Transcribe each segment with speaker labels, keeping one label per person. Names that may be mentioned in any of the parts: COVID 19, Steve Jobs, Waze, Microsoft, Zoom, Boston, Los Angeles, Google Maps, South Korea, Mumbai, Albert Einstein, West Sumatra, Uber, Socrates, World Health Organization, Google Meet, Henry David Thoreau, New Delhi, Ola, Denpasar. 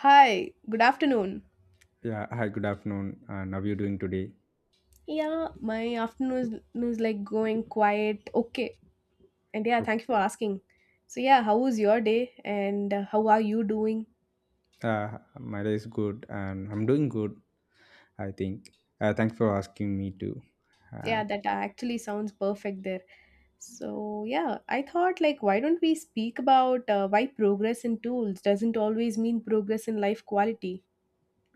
Speaker 1: Hi, good afternoon.
Speaker 2: Yeah, hi, good afternoon. And how are you doing today?
Speaker 1: Yeah, my afternoon is like going quite okay. And yeah,
Speaker 2: Yep.
Speaker 1: thank you for asking. So, yeah, how was your day and how are you doing?
Speaker 2: My day is good and I'm doing good, I think. Thanks for asking me too.
Speaker 1: Yeah,
Speaker 2: And
Speaker 1: that actually sounds perfect there. So, yeah, I thought like, why don't we speak about why progress in tools doesn't always mean progress in life quality?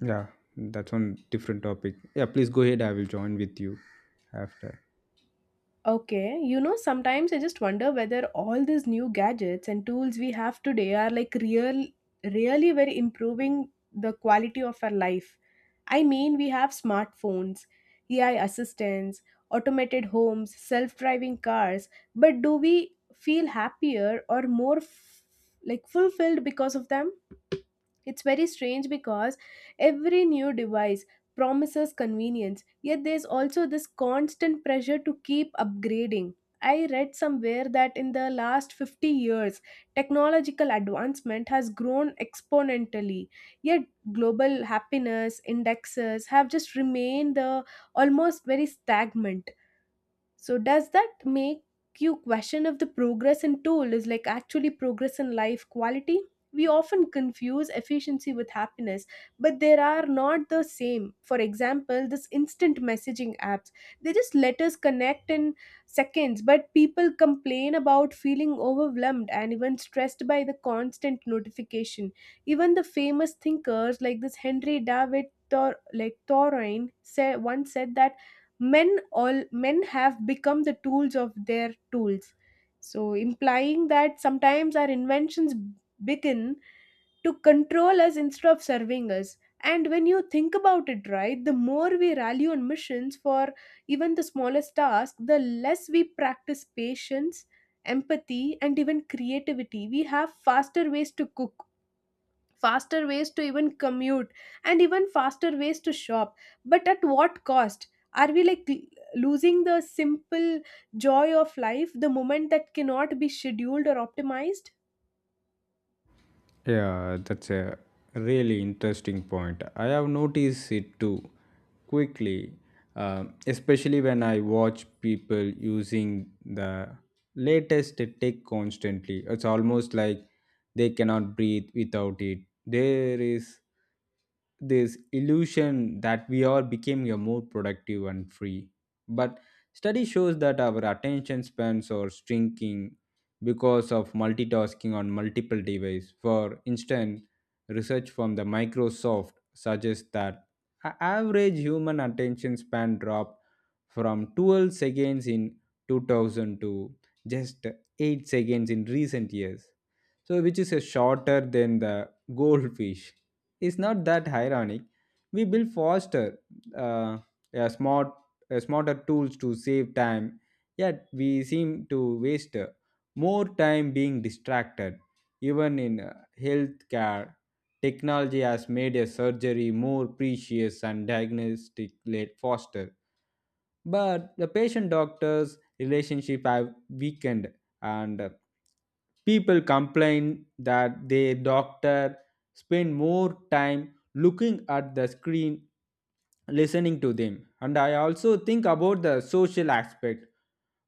Speaker 2: yeah, that's one different topic. Yeah, please go ahead. I will join with you after.
Speaker 1: Okay, you know, sometimes I just wonder whether all these new gadgets and tools we have today are like real, really very improving the quality of our life. I mean, we have smartphones, AI assistants, automated homes, self driving cars, but do we feel happier or more like fulfilled because of them? It's very strange because every new device promises convenience, yet there's also this constant pressure to keep upgrading. I read somewhere that in the last 50 years, technological advancement has grown exponentially, yet global happiness indexes have just remained almost very stagnant. So does that make you question if the progress in tool is like actually progress in life quality? We often confuse efficiency with happiness, but they are not the same. For example, this instant messaging apps, they just let us connect in seconds, but people complain about feeling overwhelmed and even stressed by the constant notification. Even the famous thinkers like this Henry David Thor- like Thoreau say once said that men all men have become the tools of their tools, so implying that sometimes our inventions begin to control us instead of serving us. And when you think about it, right, the more we rally on missions for even the smallest task, the less we practice patience, empathy and even creativity. We have faster ways to cook, faster ways to even commute, and even faster ways to shop, but at what cost? Are we losing the simple joy of life, the moment that cannot be scheduled or optimized?
Speaker 2: Yeah, that's a really interesting point. I have noticed it too quickly, especially when I watch people using the latest tech constantly. It's almost like they cannot breathe without it. There is this illusion that we are becoming a more productive and free. But study shows that our attention spans are shrinking because of multitasking on multiple devices. For instance, research from the Microsoft suggests that average human attention span dropped from 12 seconds in 2000 to just 8 seconds in recent years, so which is a shorter than the goldfish. It's not that ironic. We build faster, uh, a smart, a smarter tools to save time, yet we seem to waste more time being distracted. Even in healthcare, technology has made a surgery more precious and diagnostic late faster. But the patient doctor's relationship have weakened and people complain that their doctor spend more time looking at the screen listening to them. And I also think about the social aspect.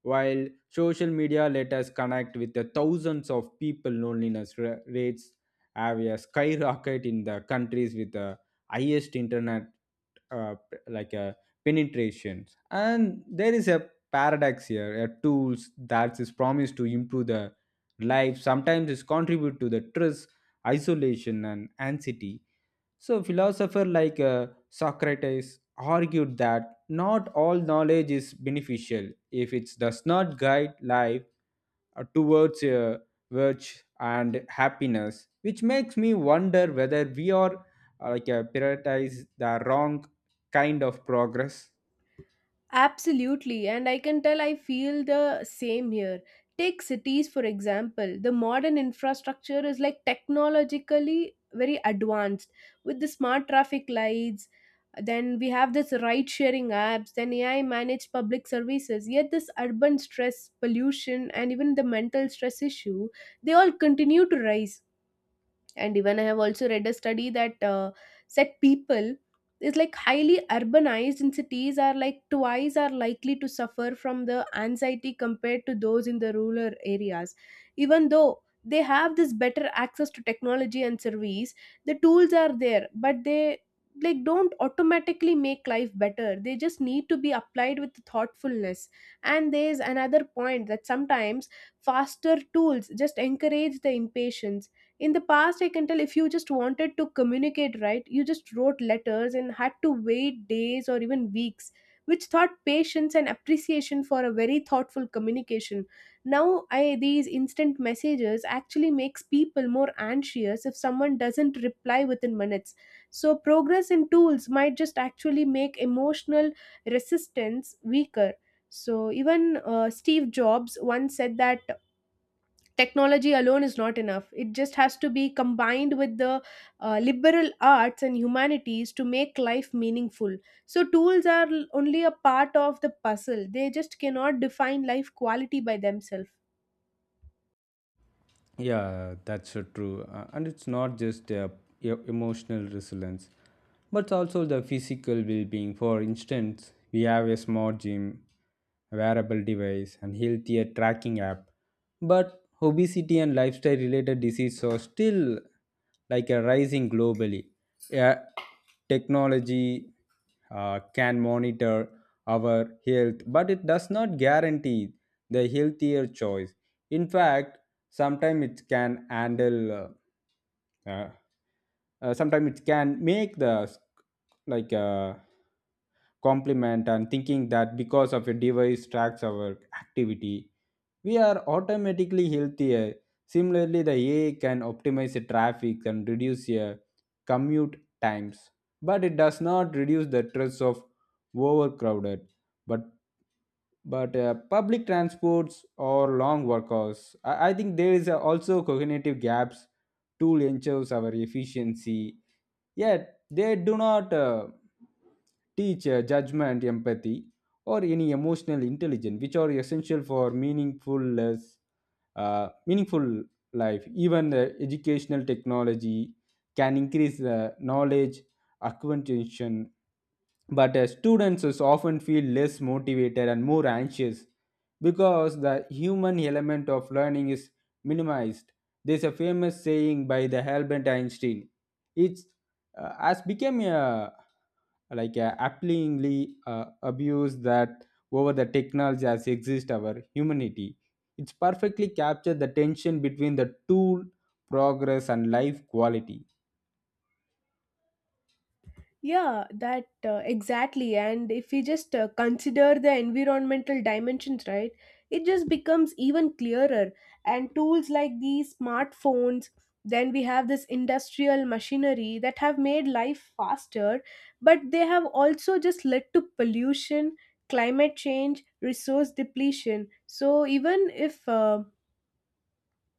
Speaker 2: While social media let us connect with the thousands of people, loneliness rates have a skyrocket in the countries with the highest internet like a penetration. And there is a paradox here, a tools that is promised to improve the life sometimes is contribute to the stress, isolation and anxiety. So philosopher like Socrates argued that not all knowledge is beneficial if it does not guide life towards virtue and happiness, which makes me wonder whether we are prioritize the wrong kind of progress.
Speaker 1: Absolutely, and I can tell I feel the same here. Take cities, for example. The modern infrastructure is like technologically very advanced with the smart traffic lights. Then we have this ride sharing apps, then AI managed public services. Yet, this urban stress, pollution, and even the mental stress issue, they all continue to rise. And even I have also read a study that said people is like highly urbanized in cities are like twice are likely to suffer from the anxiety compared to those in the rural areas, even though they have this better access to technology and service. The tools are there, but they like don't automatically make life better. They just need to be applied with thoughtfulness. And there's another point that sometimes faster tools just encourage the impatience. In the past, I can tell if you just wanted to communicate, right, you just wrote letters and had to wait days or even weeks, which thought patience and appreciation for a very thoughtful communication. Now I these instant messages actually makes people more anxious if someone doesn't reply within minutes. So progress in tools might just actually make emotional resistance weaker. So even Steve Jobs once said that technology alone is not enough. It just has to be combined with the liberal arts and humanities to make life meaningful. So tools are only a part of the puzzle. They just cannot define life quality by themselves.
Speaker 2: Yeah, that's so true. And it's not just emotional resilience, but also the physical well being. For instance, we have a smart gym, a wearable device, and healthier tracking app. But obesity and lifestyle related diseases are still like a rising globally. Yeah, technology can monitor our health, but it does not guarantee the healthier choice. In fact, Sometimes it can handle uh, uh, sometimes it can make the s- like compliment and thinking that because of a device tracks our activity, we are automatically healthier. Similarly, the ai can optimize the traffic and reduce your commute times, but it does not reduce the stress of overcrowded but but public transports or long work hours. I think there is also cognitive gaps. Tool ensures our efficiency, yet they do not teach judgment, empathy or any emotional intelligence which are essential for meaningful life. Even the educational technology can increase the knowledge acquisition, but students is often feel less motivated and more anxious because the human element of learning is minimized. There's a famous saying by the Albert Einstein. It's has become a like a appallingly abuse that over the technology as exist our humanity. It's perfectly captured the tension between the tool progress and life quality.
Speaker 1: Yeah, that exactly. And if we just consider the environmental dimensions, right, it just becomes even clearer. And tools like these smartphones, then we have this industrial machinery that have made life faster, but they have also just led to pollution, climate change, resource depletion. So even if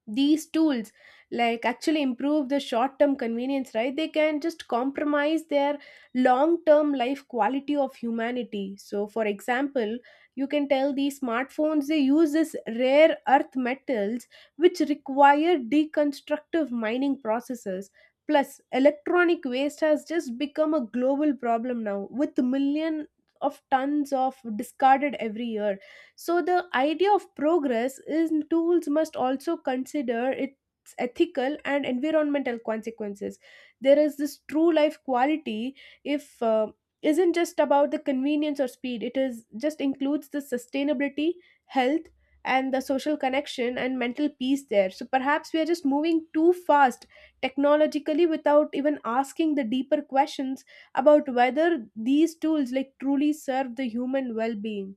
Speaker 1: these tools like actually improve the short term convenience, right, they can just compromise their long term life quality of humanity. So for example, you can tell these smartphones, they use this rare earth metals, which require deconstructive mining processes. Plus electronic waste has just become a global problem now, with million of tons of discarded every year. So the idea of progress is tools must also consider its ethical and environmental consequences. There is this true life quality, if isn't just about the convenience or speed. It is just includes the sustainability, health, and the social connection and mental peace there. So perhaps we are just moving too fast technologically without even asking the deeper questions about whether these tools like truly serve the human well-being.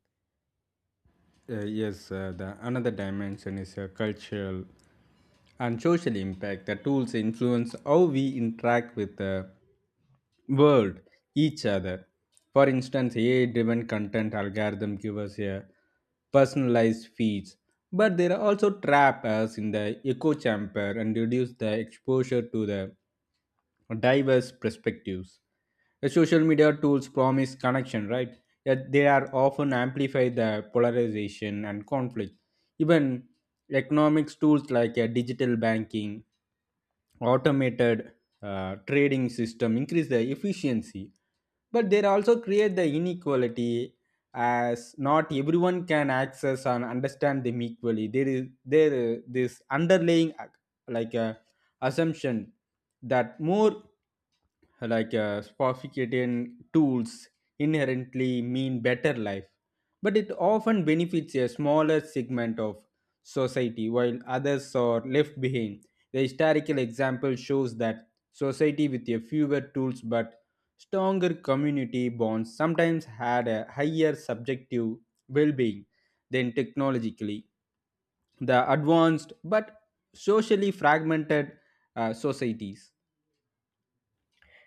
Speaker 2: Yes, the another dimension is a cultural and social impact. The tools influence how we interact with the world, each other. For instance, AI-driven content algorithm give us a personalized feeds, but they are also trap us in the echo chamber and reduce the exposure to the diverse perspectives. The social media tools promise connection, right? Yet they are often amplify the polarization and conflict. Even economics tools like digital banking, automated trading system increase the efficiency, but they also create the inequality as not everyone can access and understand them equally. There is this underlying like uh, assumption that more sophisticated tools inherently mean better life, but it often benefits a smaller segment of society while others are left behind. The historical example shows that society with a fewer tools but stronger community bonds sometimes had a higher subjective well being than technologically the advanced but socially fragmented societies.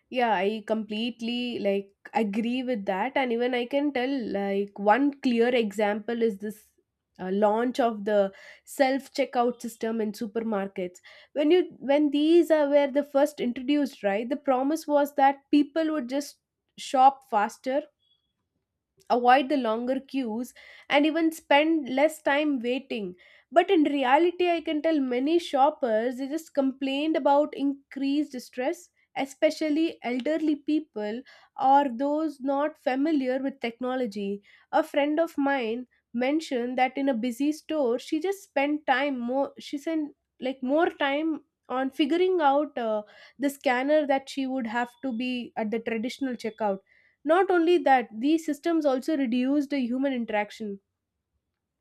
Speaker 1: Yeah, I completely like agree with that, and even I can tell like one clear example is this launch of the self checkout system in supermarkets. When these are were the first introduced, right? The promise was that people would just shop faster, avoid the longer queues, and even spend less time waiting. But in reality, I can tell many shoppers they just complained about increased stress, especially elderly people or those not familiar with technology. A friend of mine mentioned that in a busy store, she spent like more time on figuring out the scanner that she would have to be at the traditional checkout. Not only that, these systems also reduce the human interaction.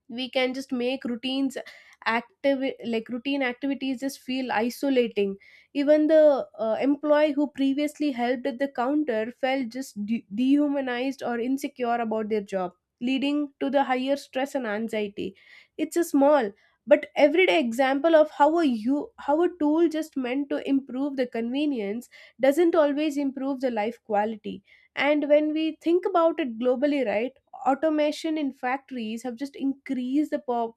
Speaker 1: We can just make routines active like routine activities just feel isolating. Even the employee who previously helped at the counter felt just dehumanized or insecure about their job, leading to the higher stress and anxiety. It's a small but everyday example of how a you how a tool just meant to improve the convenience doesn't always improve the life quality. And when we think about it globally, right, automation in factories have just increased the po-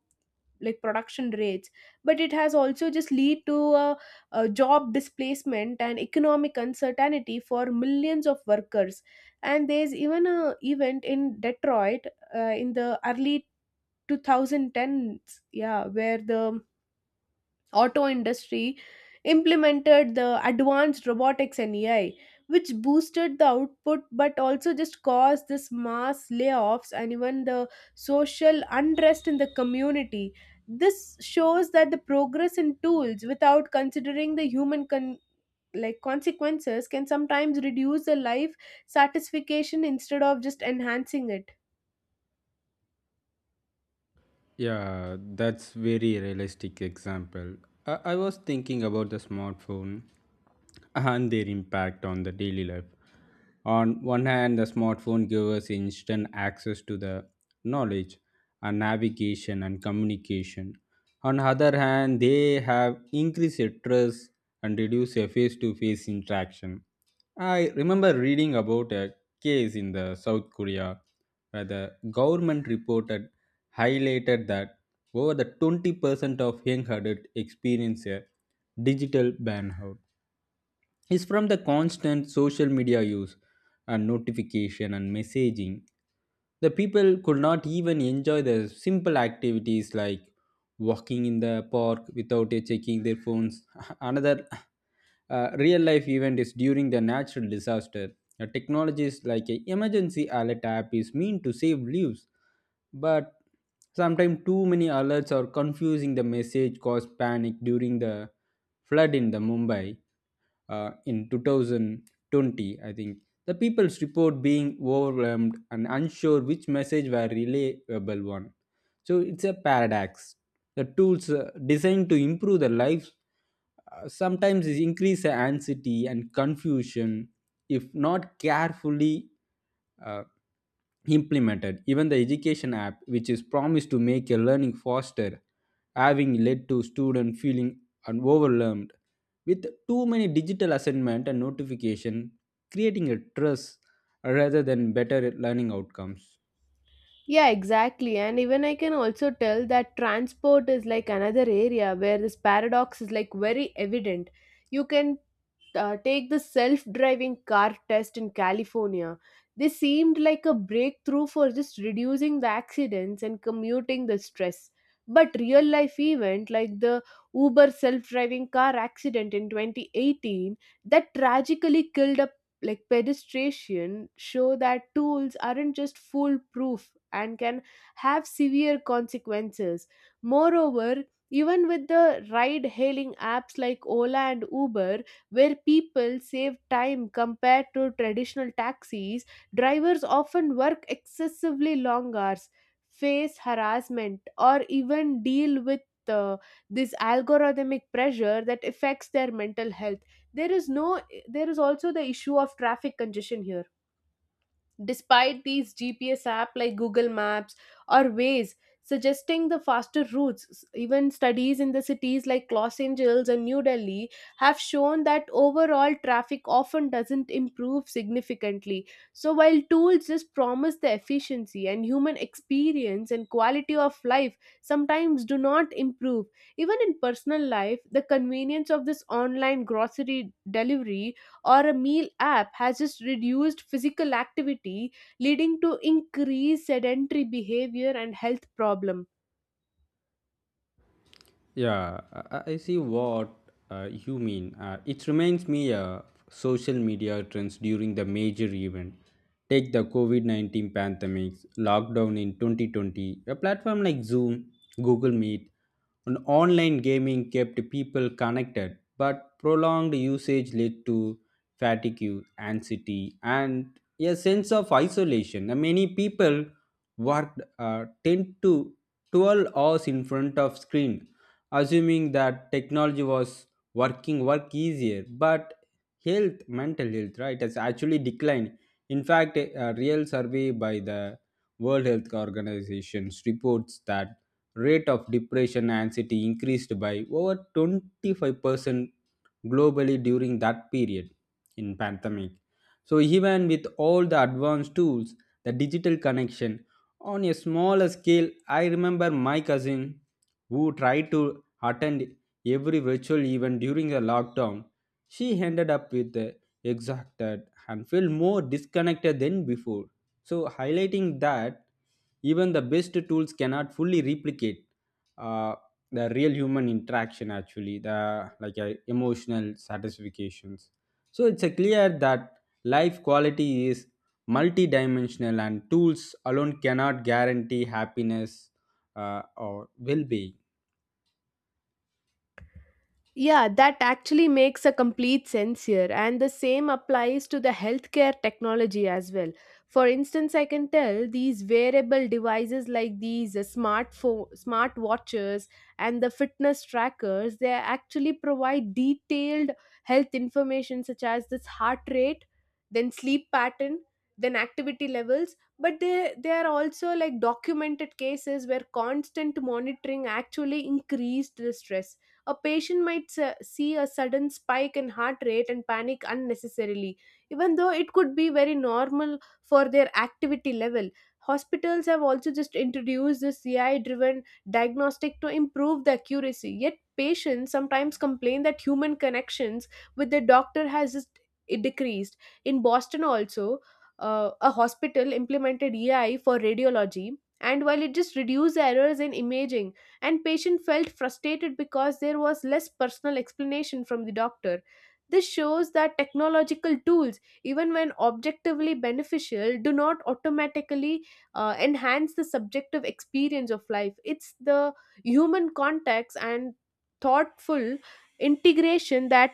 Speaker 1: like production rates, but it has also just lead to a job displacement and economic uncertainty for millions of workers. And there's even a event in Detroit, in the early 2010s, yeah, where the auto industry implemented the advanced robotics and AI, which boosted the output but also just caused this mass layoffs and even the social unrest in the community. This shows that the progress in tools without considering the human consequences can sometimes reduce the life satisfaction instead of just enhancing it.
Speaker 2: Yeah, that's very realistic example. I was thinking about the smartphone and their impact on the daily life. On one hand, the smartphone gives us instant access to the knowledge and navigation and communication. On the other hand, they have increased trust and reduced face-to-face interaction. I remember reading about a case in the South Korea where the government reported highlighted that over the 20% of young adults experience a digital burnout is from the constant social media use and notification and messaging. The people could not even enjoy the simple activities like walking in the park without checking their phones. Another real life event is during the natural disaster. Technologies like a emergency alert app is meant to save lives, but sometimes too many alerts are confusing the message cause panic during the flood in the Mumbai in 2020, I think. The people's report being overwhelmed and unsure which message were reliable one. So it's a paradox. The tools designed to improve the lives sometimes is increase the anxiety and confusion if not carefully uh, implemented. Even the education app, which is promised to make a learning faster, having led to students feeling overwhelmed with too many digital assignment and notification, creating a stress rather than better learning outcomes.
Speaker 1: Yeah, exactly. And even I can also tell that transport is like another area where this paradox is like very evident. You can take the self driving car test in California. They seemed like a breakthrough for just reducing the accidents and commuting the stress. But real life event like the Uber self driving car accident in 2018 that tragically killed a like pedestrian show that tools aren't just foolproof and can have severe consequences. Moreover, even with the ride hailing apps like Ola and Uber, where people save time compared to traditional taxis, drivers often work excessively long hours, face harassment, or even deal with uh, this algorithmic pressure that affects their mental health. There is no there is also the issue of traffic congestion here. Despite these GPS app like Google Maps or Waze suggesting the faster routes, even studies in the cities like Los Angeles and New Delhi have shown that overall traffic often doesn't improve significantly. So, while tools just promise the efficiency and human experience and quality of life sometimes do not improve, even in personal life, the convenience of this online grocery delivery or a meal app has just reduced physical activity, leading to increased sedentary behavior and health problem.
Speaker 2: Yeah, I see what you mean. It reminds me of social media trends during the major event. Take the COVID 19 pandemic, lockdown in 2020. A platform like Zoom, Google Meet, and online gaming kept people connected, but prolonged usage led to fatigue, anxiety, and a sense of isolation. Many people worked 10 to 12 hours in front of screen assuming that technology was working work easier, but health mental health, right, has actually declined. In fact, a real survey by the world health Organization reports that rate of depression and anxiety increased by over 25% globally during that period in pandemic. So even with all the advanced tools, the digital connection. On a smaller scale, I remember my cousin who tried to attend every virtual event during the lockdown, she ended up with exhausted and felt more disconnected than before. So, highlighting that even the best tools cannot fully replicate uh, the real human interaction, actually the emotional satisfactions. So it's a clear that life quality is multidimensional and tools alone cannot guarantee happiness or well-being.
Speaker 1: Yeah, that actually makes a complete sense here. And the same applies to the healthcare technology as well. For instance, I can tell these wearable devices like these smart watches and the fitness trackers, they actually provide detailed health information such as this heart rate, then sleep pattern, then activity levels. But they are also like documented cases where constant monitoring actually increased the stress. A patient might see a sudden spike in heart rate and panic unnecessarily, even though it could be very normal for their activity level. Hospitals have also just introduced this CI driven diagnostic to improve the accuracy. Yet, patients sometimes complain that human connections with the doctor has just it decreased. In Boston, also, a hospital implemented EI for radiology, and while it just reduced errors in imaging, and patient felt frustrated because there was less personal explanation from the doctor. This shows that technological tools, even when objectively beneficial, do not automatically enhance the subjective experience of life. It's the human context and thoughtful integration that